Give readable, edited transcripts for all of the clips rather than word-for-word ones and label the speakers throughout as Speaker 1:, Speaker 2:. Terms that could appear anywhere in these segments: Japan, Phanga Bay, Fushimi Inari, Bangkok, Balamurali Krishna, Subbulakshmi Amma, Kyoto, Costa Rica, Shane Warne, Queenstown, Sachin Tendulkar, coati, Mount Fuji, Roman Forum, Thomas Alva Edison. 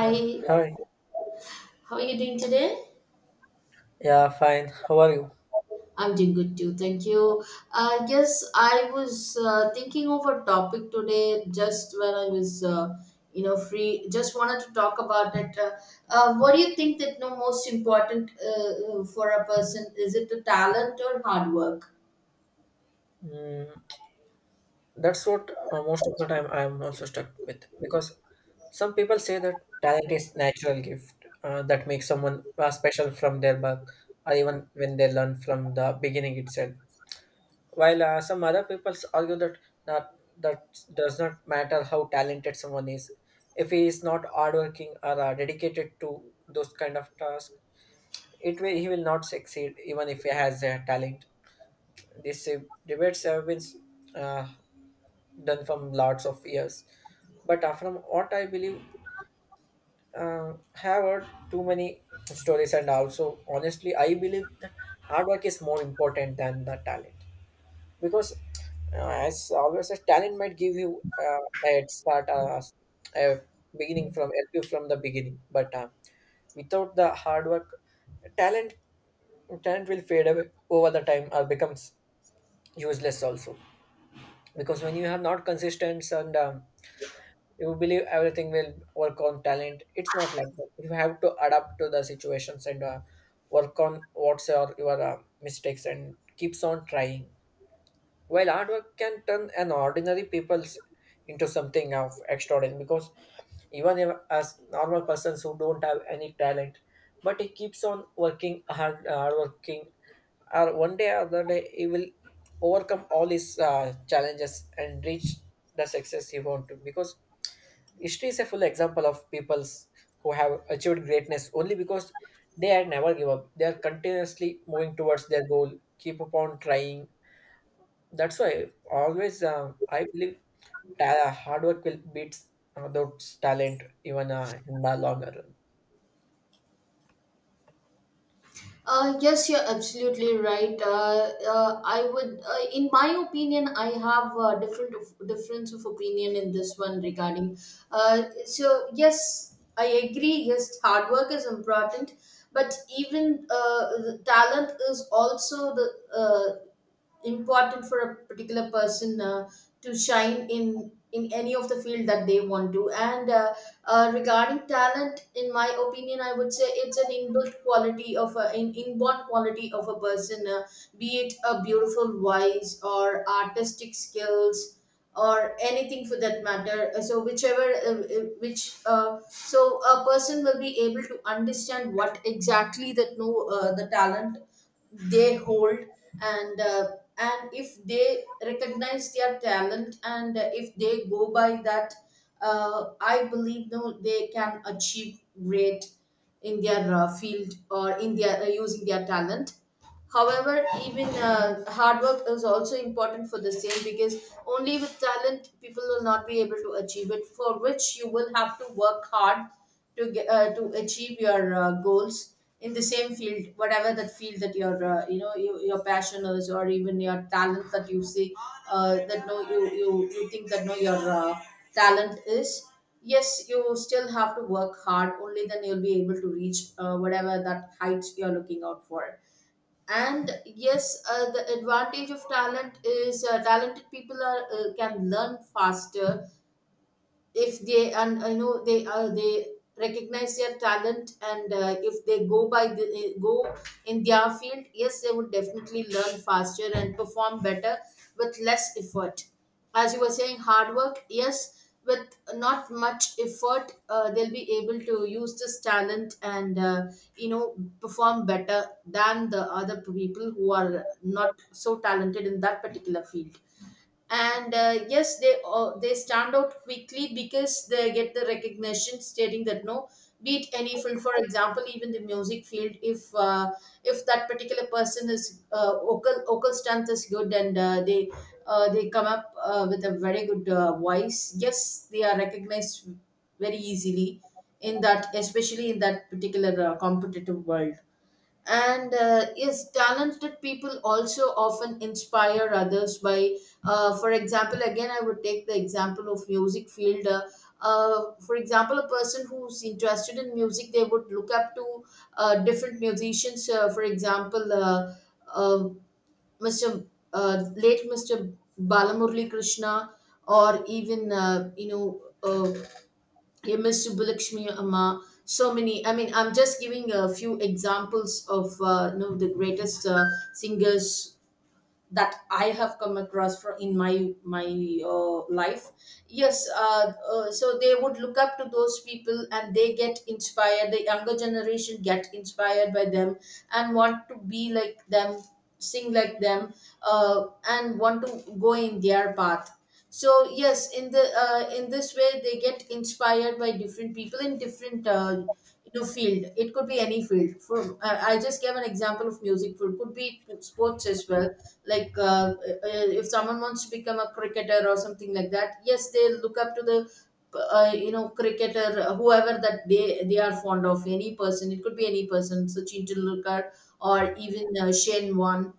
Speaker 1: Yeah, hi.
Speaker 2: how are you doing today?
Speaker 1: Yeah, fine. How are you?
Speaker 2: I'm doing good too, thank you. I guess I was thinking of a topic today just when I was, free. Just wanted to talk about it. What do you think that no most important for a person, is it the talent or hard work?
Speaker 1: Mm, that's what most of the time I'm also stuck with because some people say that talent is natural gift that makes someone special from their birth or even when they learn from the beginning itself. While some other people argue that not that does not matter how talented someone is. If he is not hardworking or dedicated to those kind of tasks, it will he will not succeed even if he has a talent. These debates have been uh, done from lots of years, but from what I believe, have heard too many stories, and also honestly, I believe that hard work is more important than the talent because, uh, as always, said, talent might give you a head start, a beginning from help you from the beginning, but without the hard work talent talent will fade away over the time or becomes useless also, because when you have not consistent and you believe everything will work on talent. It's not like that. You have to adapt to the situations and work on what's your mistakes and keeps on trying, while hard work can turn an ordinary people's into something of extraordinary, because even if, as normal persons who don't have any talent, but he keeps on working hard working, or one day or other day he will overcome all his challenges and reach the success he want to, because history is a full example of peoples who have achieved greatness only because they had never give up. They are continuously moving towards their goal, keep upon trying. That's why always I believe hard work will beat those talent, even in the longer run.
Speaker 2: Yes, you're absolutely right. I would, in my opinion, I have a difference of opinion in this one regarding. So yes, I agree. Yes, hard work is important, but even the talent is also the uh, important for a particular person to shine in any of the field that they want to, and regarding talent, in my opinion, I would say it's an inbuilt quality of a inborn quality of a person. Be it a beautiful voice or artistic skills or anything for that matter. So whichever which so a person will be able to understand what exactly that no the talent they hold, and uh, and if they recognize their talent, and if they go by that, I believe no they can achieve great in their field, or in their using their talent. However, even hard work is also important for the same, because only with talent people will not be able to achieve it. For which you will have to work hard to get, to achieve your goals in the same field, whatever that field that your your passion is, or even your talent that you see, that no you think that no your talent is. Yes, you still have to work hard. Only then you'll be able to reach whatever that height you're looking out for. And yes, the advantage of talent is talented people are can learn faster if they, and you know they recognize their talent, and if they go by go in their field, yes they would definitely learn faster and perform better with less effort. As you were saying, hard work, yes, with not much effort they'll be able to use this talent, and perform better than the other people who are not so talented in that particular field. And yes they stand out quickly because they get the recognition stating that no, beat any field. For example, even the music field, if that particular person is vocal strength is good, and they come up with a very good voice, yes they are recognized very easily in that, especially in that particular competitive world. And yes, talented people also often inspire others by for example, again I would take the example of music field. For example, a person who's interested in music, they would look up to different musicians. For example, uh, Mr., late Mr. Balamurali Krishna, or even you miss Subbulakshmi Amma, so many. I mean, I'm just giving a few examples of the greatest singers that I have come across for in my life. Yes, So they would look up to those people and they get inspired. The younger generation get inspired by them and want to be like them, sing like them, and want to go in their path. So yes, in the in this way they get inspired by different people in different. Field, it could be any field. For I just gave an example of music, for could be sports as well, like if someone wants to become a cricketer or something like that, yes they look up to the cricketer, whoever that they are fond of. Any person, it could be any person, Sachin Tendulkar or even Shane Warne,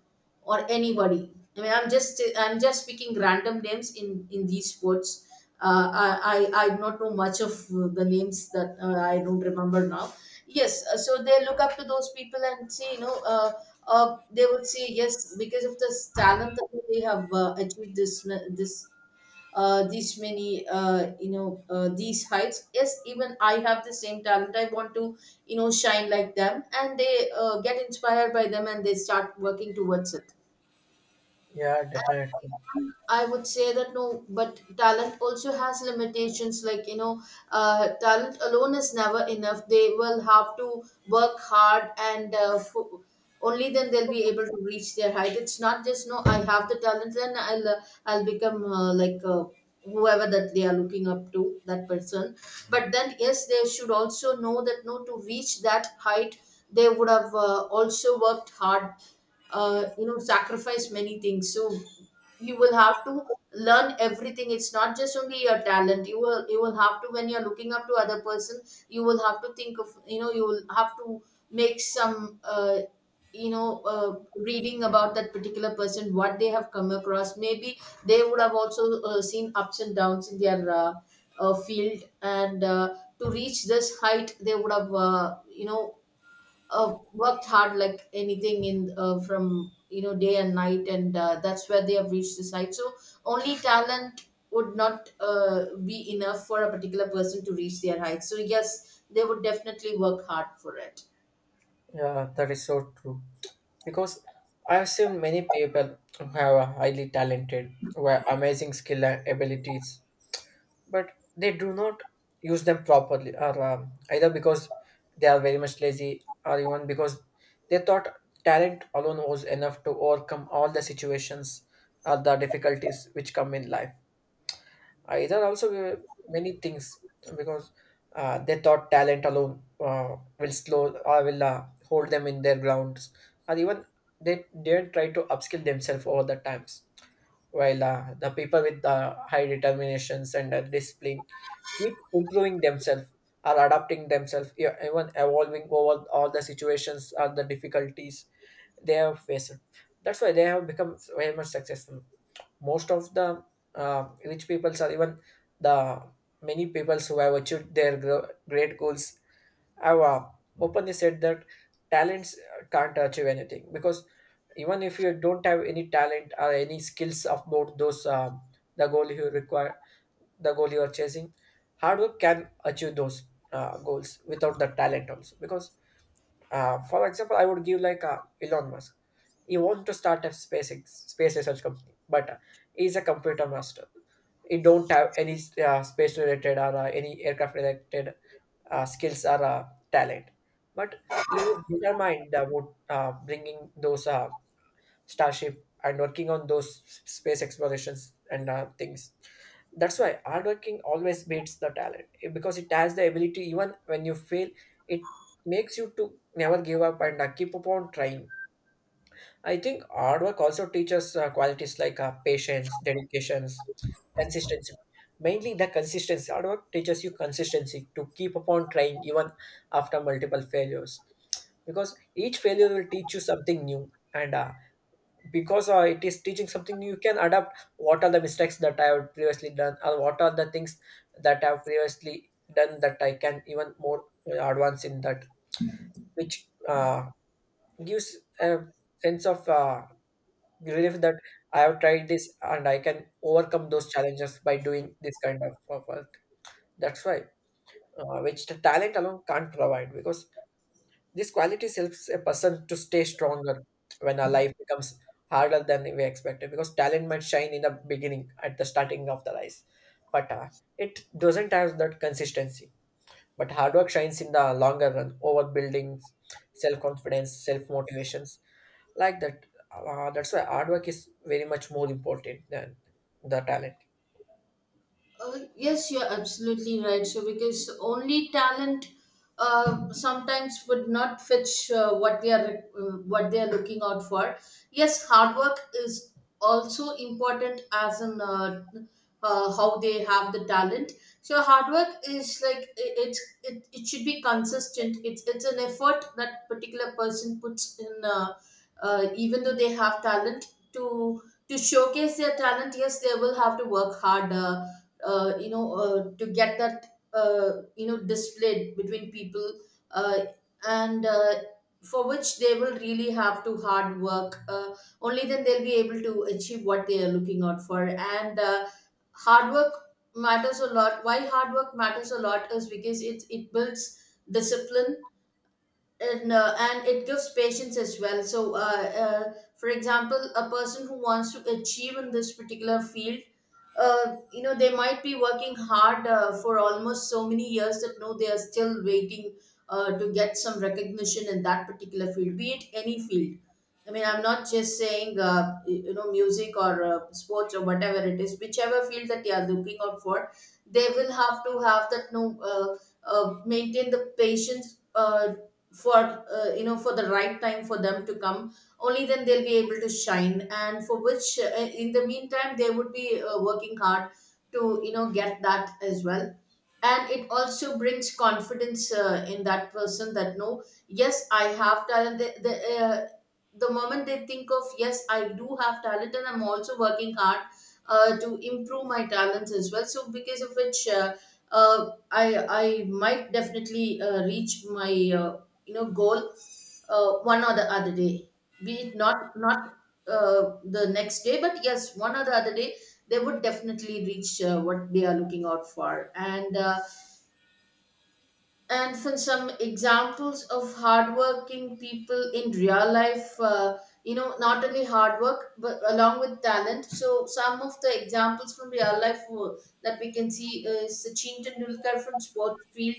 Speaker 2: or anybody. I mean, I'm just picking random names in these sports. uh, I, I don't know much of the names that I don't remember now. Yes, So they look up to those people and say, you know, they would say yes, because of the talent that they have achieved this these many these heights. Yes, even I have the same talent. I want to, you know, shine like them, and they get inspired by them and they start working towards it.
Speaker 1: Yeah, definitely.
Speaker 2: I would say that no, but talent also has limitations. Like, you know, talent alone is never enough. They will have to work hard, and only then they'll be able to reach their height. It's not just, no, I have the talent, then I'll become like whoever that they are looking up to, that person. But then, yes, they should also know that, no, to reach that height, they would have also worked hard, sacrificed many things. So you will have to learn everything. It's not just only your talent. You will you will have to, when you're looking up to other person, you will have to think of, you know, you will have to make some you know uh, reading about that particular person, what they have come across. Maybe they would have also seen ups and downs in their field, and to reach this height they would have worked hard like anything in from, you know, day and night. And that's where they have reached this height. So only talent would not be enough for a particular person to reach their height, so yes, they would definitely work hard for it.
Speaker 1: Yeah, that is so true. Because I have seen many people who have a highly talented, who have amazing skill and abilities, but they do not use them properly, or either because they are very much lazy, or even because they thought talent alone was enough to overcome all the situations or the difficulties which come in life. There are also many things because they thought talent alone will slow or will hold them in their grounds, or even they didn't try to upskill themselves over the times. While the people with high determinations and discipline keep improving themselves or adapting themselves, even evolving over all the situations or the difficulties they have faced. That's why they have become very much successful. Most of the rich peoples, or even the many peoples who have achieved their great goals have openly said that talents can't achieve anything, because even if you don't have any talent or any skills about those the goal you require, the goal you are chasing, hard work can achieve those goals without the talent also. Because for example, I would give like Elon Musk. He want to start a space research company, but he's a computer master. It don't have any space related or any aircraft related skills or talent, but he was determined about bringing those starship and working on those space explorations and things. That's why hard working always beats the talent, because it has the ability even when you fail. It makes you to never give up and keep upon trying. I think hard work also teaches qualities like patience, dedications, consistency. Mainly the consistency. Hard work teaches you consistency to keep upon trying even after multiple failures. Because each failure will teach you something new. And because it is teaching something new, you can adapt what are the mistakes that I have previously done, or what are the things that I have previously done that I can even more advance in that, which gives a sense of relief that I have tried this and I can overcome those challenges by doing this kind of work. That's why, which the talent alone can't provide, because these qualities helps a person to stay stronger when our life becomes harder than we expected. Because talent might shine in the beginning at the starting of the rise, but it doesn't have that consistency. But hard work shines in the longer run over building self-confidence, self-motivations, like that. That's why hard work is very much more important than the talent.
Speaker 2: Yes, you're absolutely right. So, because only talent sometimes would not fetch what they are looking out for. Yes, hard work is also important as an how they have the talent. So, hard work is like it should be consistent. It's an effort that particular person puts in, even though they have talent to to showcase their talent. Yes, they will have to work harder to get that, displayed between people, uh, and for which they will really have to hard work. Only then they'll be able to achieve what they are looking out for, and hard work matters a lot. Why hard work matters a lot is because it builds discipline, and it gives patience as well. So uh, for example, a person who wants to achieve in this particular field, they might be working hard for almost so many years that no they are still waiting to get some recognition in that particular field, be it any field. I mean, I'm not just saying music or sports or whatever it is, whichever field that they are looking out for, they will have to have that no, uh, maintain the patience for for the right time for them to come. Only then they'll be able to shine, and for which in the meantime they would be working hard to, you know, get that as well. And it also brings confidence in that person that no, yes I have talent. The the moment they think of yes I do have talent and I'm also working hard to improve my talents as well, so because of which I might definitely reach my uh, goal one or the other day. Be it not the next day, but yes, one or the other day they would definitely reach what they are looking out for. And for some examples of hardworking people in real life, not only hard work but along with talent, so some of the examples from real life that we can see is Sachin Tendulkar from sports field,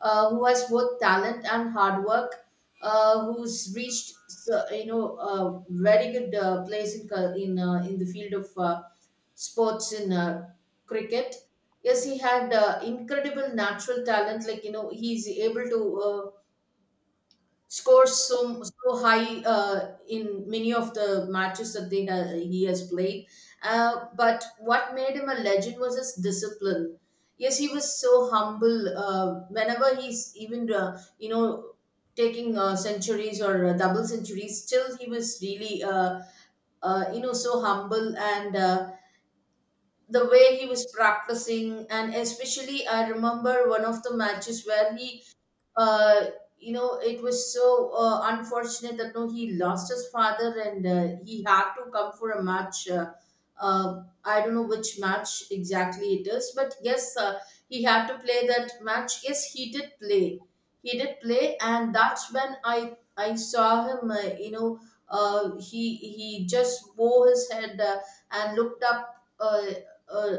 Speaker 2: who has both talent and hard work, who's reached so, you know, a very good place in in the field of sports, in cricket. Yes, he had incredible natural talent. Like, you know, he's able to score so high in many of the matches that he has played. But what made him a legend was his discipline. Yes, he was so humble. Whenever he's even taking centuries or double centuries, still he was really so humble and. The way he was practicing, and especially I remember one of the matches where he uh, it was so unfortunate that no, he lost his father, and he had to come for a match. I don't know which match exactly it is, but yes, he had to play that match. Yes, he did play. He did play, and that's when I saw him. He just bowed his head and looked up. Uh,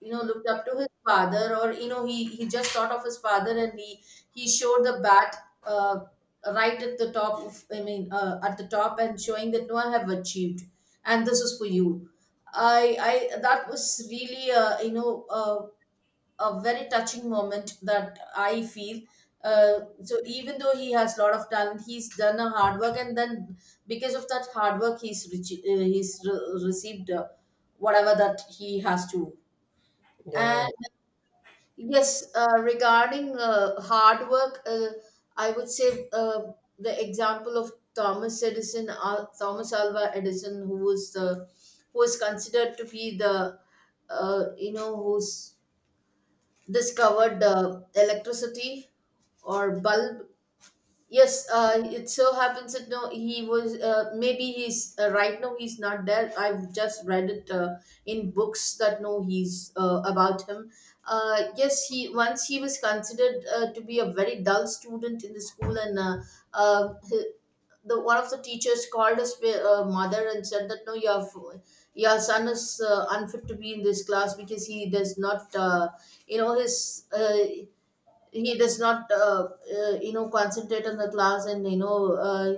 Speaker 2: Looked up to his father, or you know, he just thought of his father, and he showed the bat uh, right at the top of, I mean, at the top, and showing that no, I have achieved, and this is for you I That was really a very touching moment that I feel. So even though he has a lot of talent, he's done a hard work, and then because of that hard work, he's rich. Received whatever that he has to.
Speaker 1: Yeah.
Speaker 2: And yes, regarding hard work, I would say the example of Thomas Edison, Thomas Alva Edison, who was considered to be the, who's discovered electricity or bulb. Yes, it so happens that no, he was maybe he's right now he's not there. I've just read it in books that no, he's about him. Yes, he once he was considered to be a very dull student in the school, and uh, he- the one of the teachers called his mother and said that no, your son is unfit to be in this class because he does not, you know, his. He does not concentrate on the class, and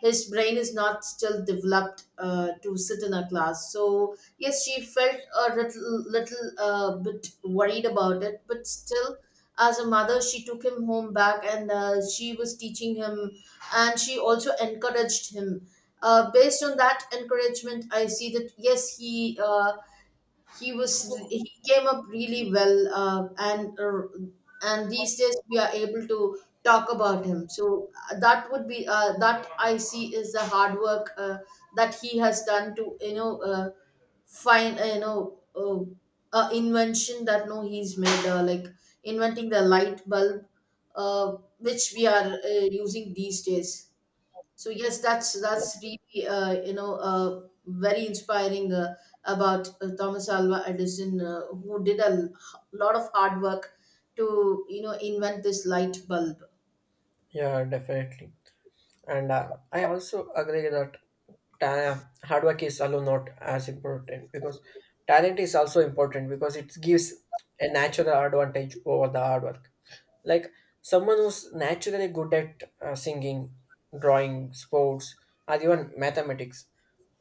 Speaker 2: his brain is not still developed to sit in a class. So yes, she felt a little bit worried about it, but still, as a mother, she took him home back, and she was teaching him, and she also encouraged him. Based on that encouragement, I see that yes, he was he came up really well, and these days we are able to talk about him. So that would be that I see is the hard work that he has done to find a invention that no, he's made, like inventing the light bulb, uh, which we are using these days. So yes, that's really very inspiring about Thomas Alva Edison, who did a l- lot of hard work to you know invent this light bulb.
Speaker 1: Yeah, definitely. And I also agree that hard work is alone not as important, because talent is also important because it gives a natural advantage over the hard work. Like someone who's naturally good at singing, drawing, sports, or even mathematics,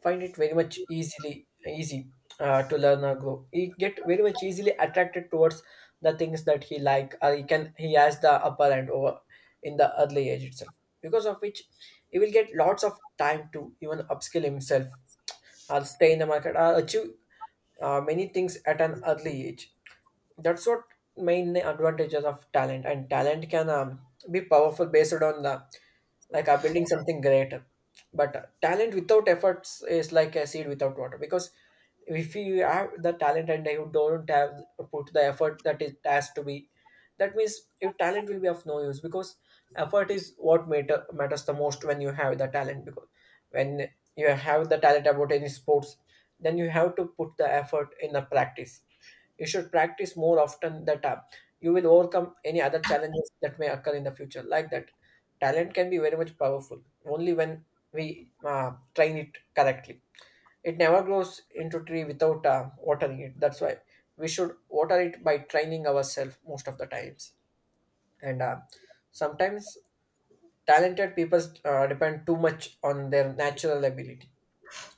Speaker 1: find it very much easily easy to learn or grow. He get very much easily attracted towards the things that he like, or he can, he has the upper hand over in the early age itself. Because of which, he will get lots of time to even upskill himself or stay in the market or achieve many things at an early age. That's what main advantages of talent. And talent can be powerful based on the, like, are building something greater. But talent without efforts is like a seed without water, because if you have the talent and you don't have put the effort that it has to be, that means your talent will be of no use. Because effort is what matters the most when you have the talent. Because when you have the talent about any sports, then you have to put the effort in the practice. You should practice more often, that you will overcome any other challenges that may occur in the future. Like that, talent can be very much powerful only when we train it correctly. It never grows into tree without watering it. That's why we should water it by training ourselves most of the times. And sometimes talented people depend too much on their natural ability,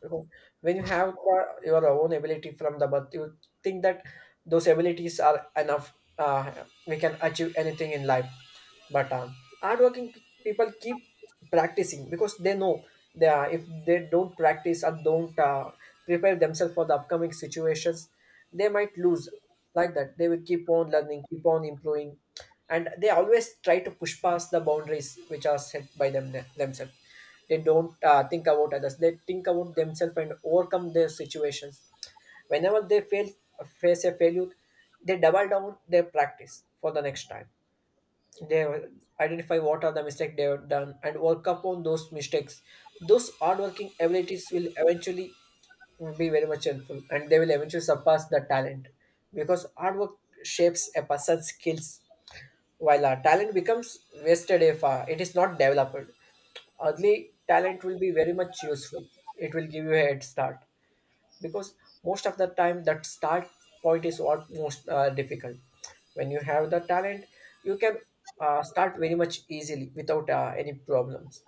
Speaker 1: because when you have your own ability from the birth, you think that those abilities are enough. We can achieve anything in life. But hardworking people keep practicing, because they know they are, if they don't practice or don't prepare themselves for the upcoming situations, they might lose. Like that, they will keep on learning, keep on improving, and they always try to push past the boundaries which are set by them themselves. They don't think about others. They think about themselves and overcome their situations whenever they fail, face a failure. They double down their practice for the next time. They identify what are the mistakes they have done and work upon those mistakes. Those hardworking abilities will eventually be very much helpful, and they will eventually surpass the talent, because hard work shapes a person's skills, while our talent becomes wasted if it is not developed. Early talent will be very much useful. It will give you a head start, because most of the time that start point is what most difficult. When you have the talent, you can start very much easily without any problems.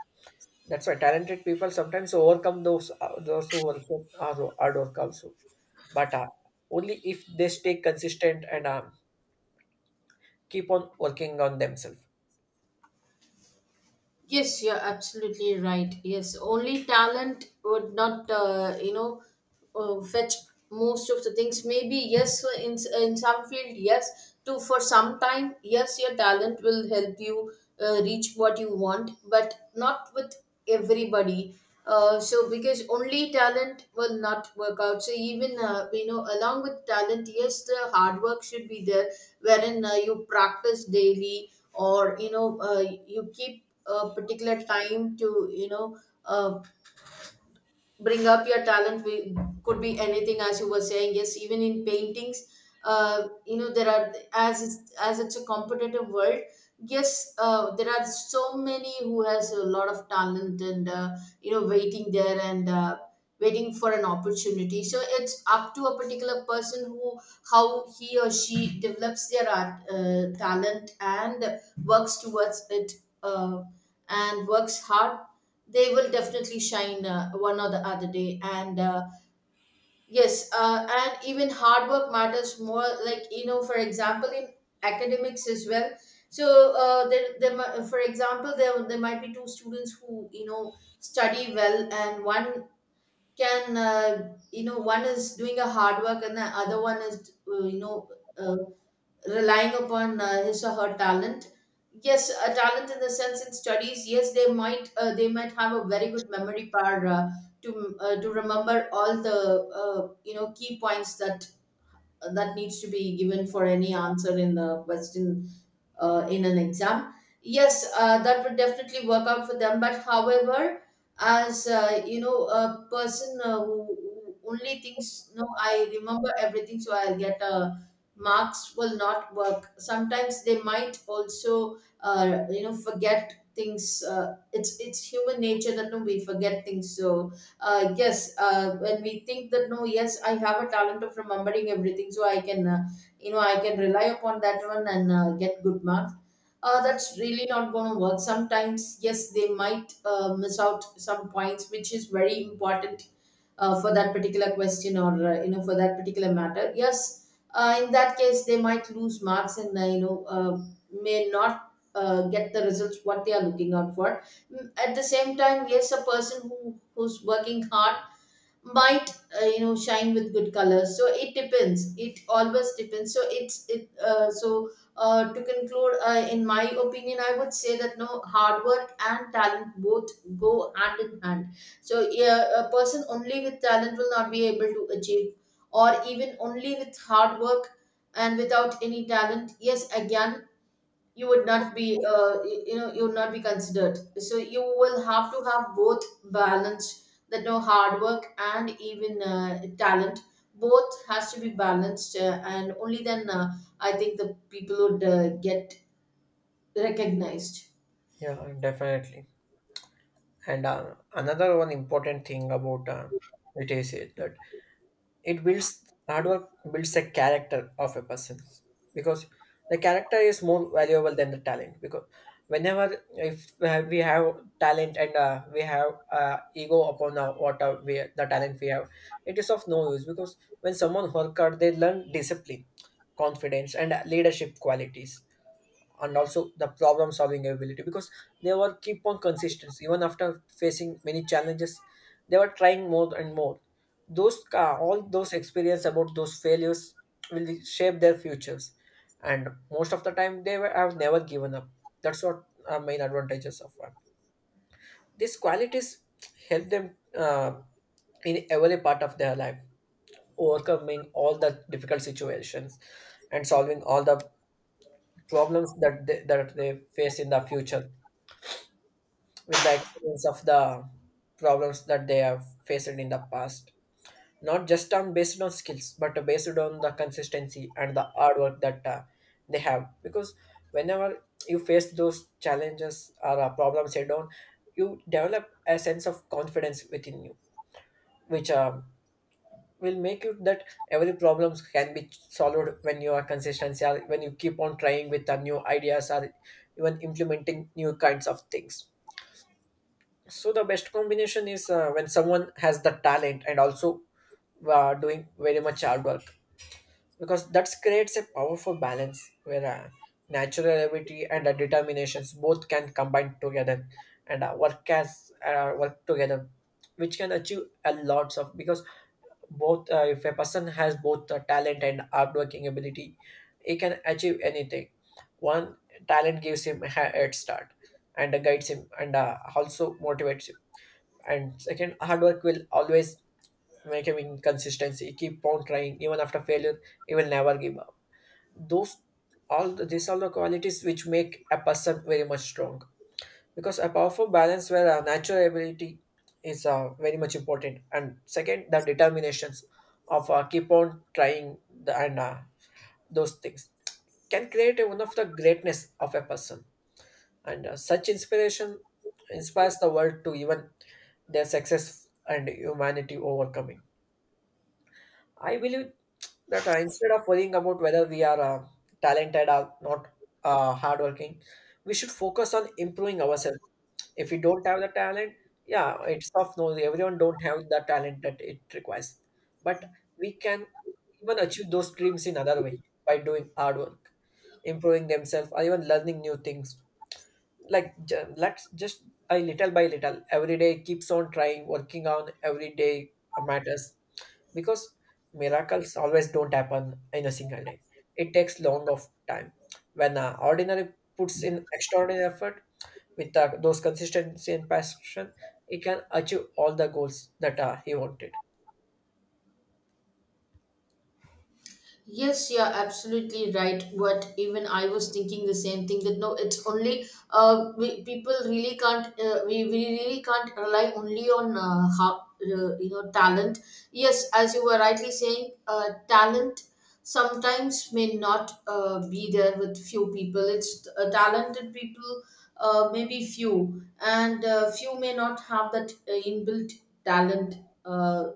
Speaker 1: That's why talented people sometimes overcome those who also are so hard work also, but only if they stay consistent and keep on working on themselves.
Speaker 2: Yes, you're absolutely right. Yes, only talent would not, fetch most of the things. Maybe yes, for in some field, yes. To for some time, yes, your talent will help you reach what you want, but not with everybody. So because only talent will not work out. So even along with talent, yes, the hard work should be there, wherein you practice daily, or you keep a particular time to uh, bring up your talent. Could be anything, as you were saying. Yes, even in paintings, there are, as it's a competitive world. Yes, there are so many who has a lot of talent, and waiting there, and waiting for an opportunity. So it's up to a particular person, who how he or she develops their art, talent, and works towards it, uh, and works hard. They will definitely shine one or the other day. And yes, and even hard work matters more, like you know, for example, in academics as well. So for example, there might be two students who you know study well, and one can one is doing a hard work, and the other one is uh, relying upon his or her talent. Yes, a talent in the sense in studies, yes, they might have a very good memory power to remember all the key points that that needs to be given for any answer in the question, in an exam. Yes, that would definitely work out for them. But however, as a person who only thinks, no, I remember everything, so I'll get marks will not work. Sometimes they might also, forget things. It's human nature that no, we forget things. So yes, when we think that no, yes, I have a talent of remembering everything, so I can. I can rely upon that one and get good marks. That's really not going to work. Sometimes yes, they might miss out some points which is very important for that particular question, or for that particular matter. Yes, in that case, they might lose marks, and may not get the results what they are looking out for. Mm, at the same time, yes, a person who's working hard might shine with good colors. So it depends, it always depends. So it's it so to conclude, in my opinion, I would say that no, hard work and talent both go hand in hand. So yeah, a person only with talent will not be able to achieve, or even only with hard work and without any talent. Yes, again, you would not be you know, you would not be considered. So you will have to have both, balance that no, hard work and even talent, both has to be balanced, and only then, I think the people would get recognized.
Speaker 1: Yeah, definitely. And another one important thing about it is it that it builds, hard work builds the character of a person, because the character is more valuable than the talent. Because whenever if we have talent and we have ego upon what we, the talent we have, it is of no use. Because when someone work hard, they learn discipline, confidence, and leadership qualities, and also the problem solving ability, because they were keep on consistent. Even after facing many challenges, they were trying more and more. Those all those experience about those failures will shape their futures, and most of the time they were, have never given up. That's what are main advantages of one. These qualities help them in every part of their life, overcoming all the difficult situations and solving all the problems that they face in the future with the experience of the problems that they have faced in the past. Not just on based on skills, but based on the consistency and the hard work that they have. Because whenever you face those challenges or problems head on, you develop a sense of confidence within you, which will make you that every problems can be solved when you are consistency, or when you keep on trying with the new ideas or even implementing new kinds of things. So the best combination is when someone has the talent and also doing very much hard work, because that creates a powerful balance where natural ability and determinations both can combine together and work as work together, which can achieve a lots of. Because both, if a person has both the talent and hard working ability, he can achieve anything. One, talent gives him a head start and guides him and also motivates him, and second, hard work will always make him inconsistency, keep on trying even after failure. He will never give up. Those all the, these are the qualities which make a person very much strong, because a powerful balance where a natural ability is very much important, and second the determinations of keep on trying, and those things can create one of the greatness of a person. And such inspiration inspires the world to even their success and humanity overcoming. I believe that instead of worrying about whether we are talented or not hardworking, we should focus on improving ourselves. If we don't have the talent, yeah, it's tough. No, everyone don't have the talent that it requires, but we can even achieve those dreams in other way by doing hard work, improving themselves, or even learning new things. Like let's just a little by little every day, keeps on trying, working on every day matters. Because miracles always don't happen in a single day. It takes long of time. When ordinary puts in extraordinary effort with those consistency and passion, he can achieve all the goals that he wanted.
Speaker 2: Yes, you're absolutely right. But even I was thinking the same thing that no, it's only people really can't we really can't rely only on how, you know talent. Yes, as you were rightly saying, talent sometimes may not be there with few people. It's talented people, maybe few, and few may not have that inbuilt talent uh,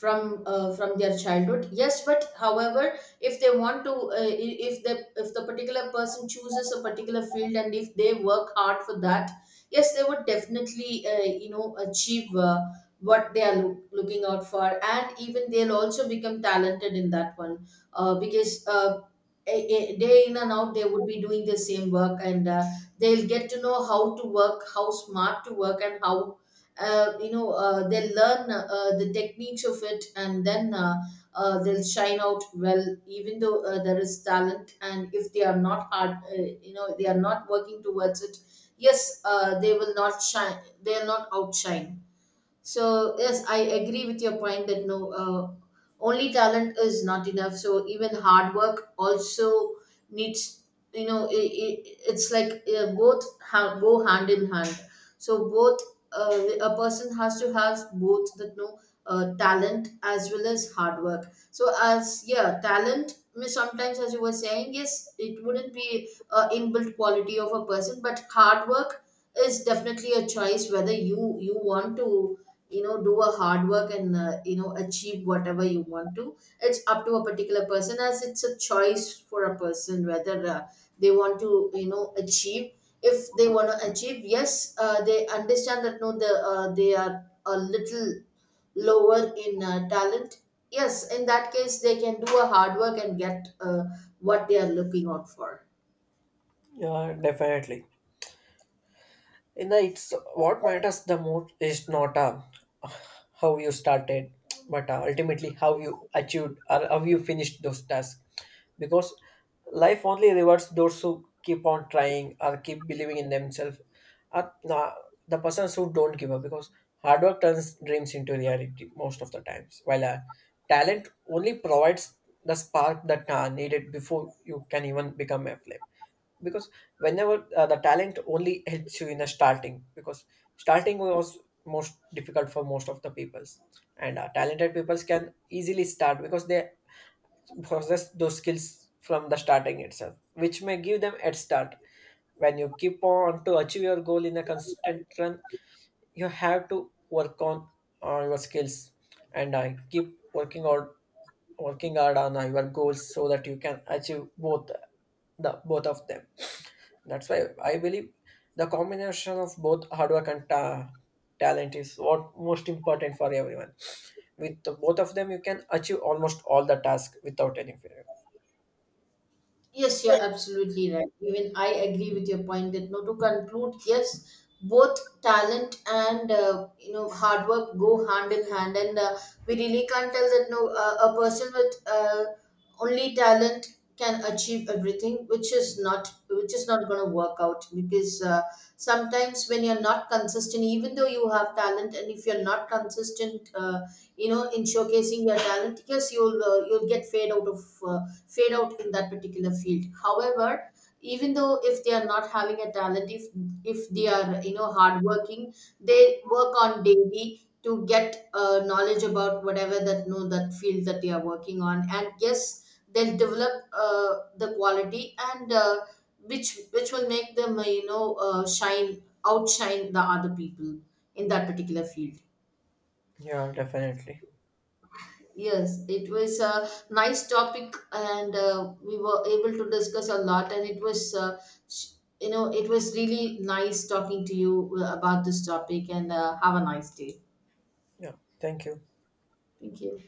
Speaker 2: from their childhood. Yes, but however, if they want to if the particular person chooses a particular field, and if they work hard for that, yes, they would definitely achieve what they are looking out for, and even they'll also become talented in that one. Because day in and out, they would be doing the same work, and they'll get to know how to work, how smart to work, and how they'll learn the techniques of it, and then they'll shine out well. Even though there is talent, and if they are not hard, they are not working towards it, yes, they will not shine, they are not outshine. So yes, I agree with your point that no, only talent is not enough. So even hard work also needs, you know, I it's like both go hand in hand. So both, a person has to have both that no, talent as well as hard work. So as yeah, talent means, sometimes as you were saying, yes, it wouldn't be a inbuilt quality of a person, but hard work is definitely a choice, whether you want to you know do a hard work, and achieve whatever you want to. It's up to a particular person, as it's a choice for a person, whether they want to you know achieve. If they want to achieve, yes, they understand that no, they are a little lower in talent. Yes, in that case, they can do a hard work and get what they are looking out for.
Speaker 1: Yeah, definitely. You know, it's what matters the most is not how you started, but ultimately how you achieved or how you finished those tasks. Because life only rewards those who keep on trying or keep believing in themselves, or the persons who don't give up. Because hard work turns dreams into reality most of the times, while talent only provides the spark that needed before you can even become a flame. Because whenever the talent only helps you in the starting, because starting was most difficult for most of the peoples. And talented peoples can easily start because they possess those skills from the starting itself, which may give them head start. When you keep on to achieve your goal in a constant run, you have to work on your skills and keep working on, working hard on your goals, so that you can achieve both, the both of them. That's why I believe the combination of both hard work and talent is what most important for everyone. With the both of them, you can achieve almost all the task without any failure.
Speaker 2: Yes, you're absolutely right. Even I agree with your point that no, to conclude, yes, both talent and hard work go hand in hand, and we really can't tell that no, a person with only talent can achieve everything, which is not going to work out because sometimes when you're not consistent, even though you have talent, and if you're not consistent. In showcasing your talent, yes, you'll get fade out of uh, fade out in that particular field. However, even though if they are not having a talent, if they are you know hardworking, they work on daily to get knowledge about whatever that know that field that they are working on. And yes, they'll develop the quality, and which will make them shine, outshine the other people in that particular field.
Speaker 1: Yeah, definitely.
Speaker 2: Yes, it was a nice topic, and we were able to discuss a lot. And it was, sh- you know, it was really nice talking to you about this topic. And have a nice day.
Speaker 1: Yeah, thank you.
Speaker 2: Thank you.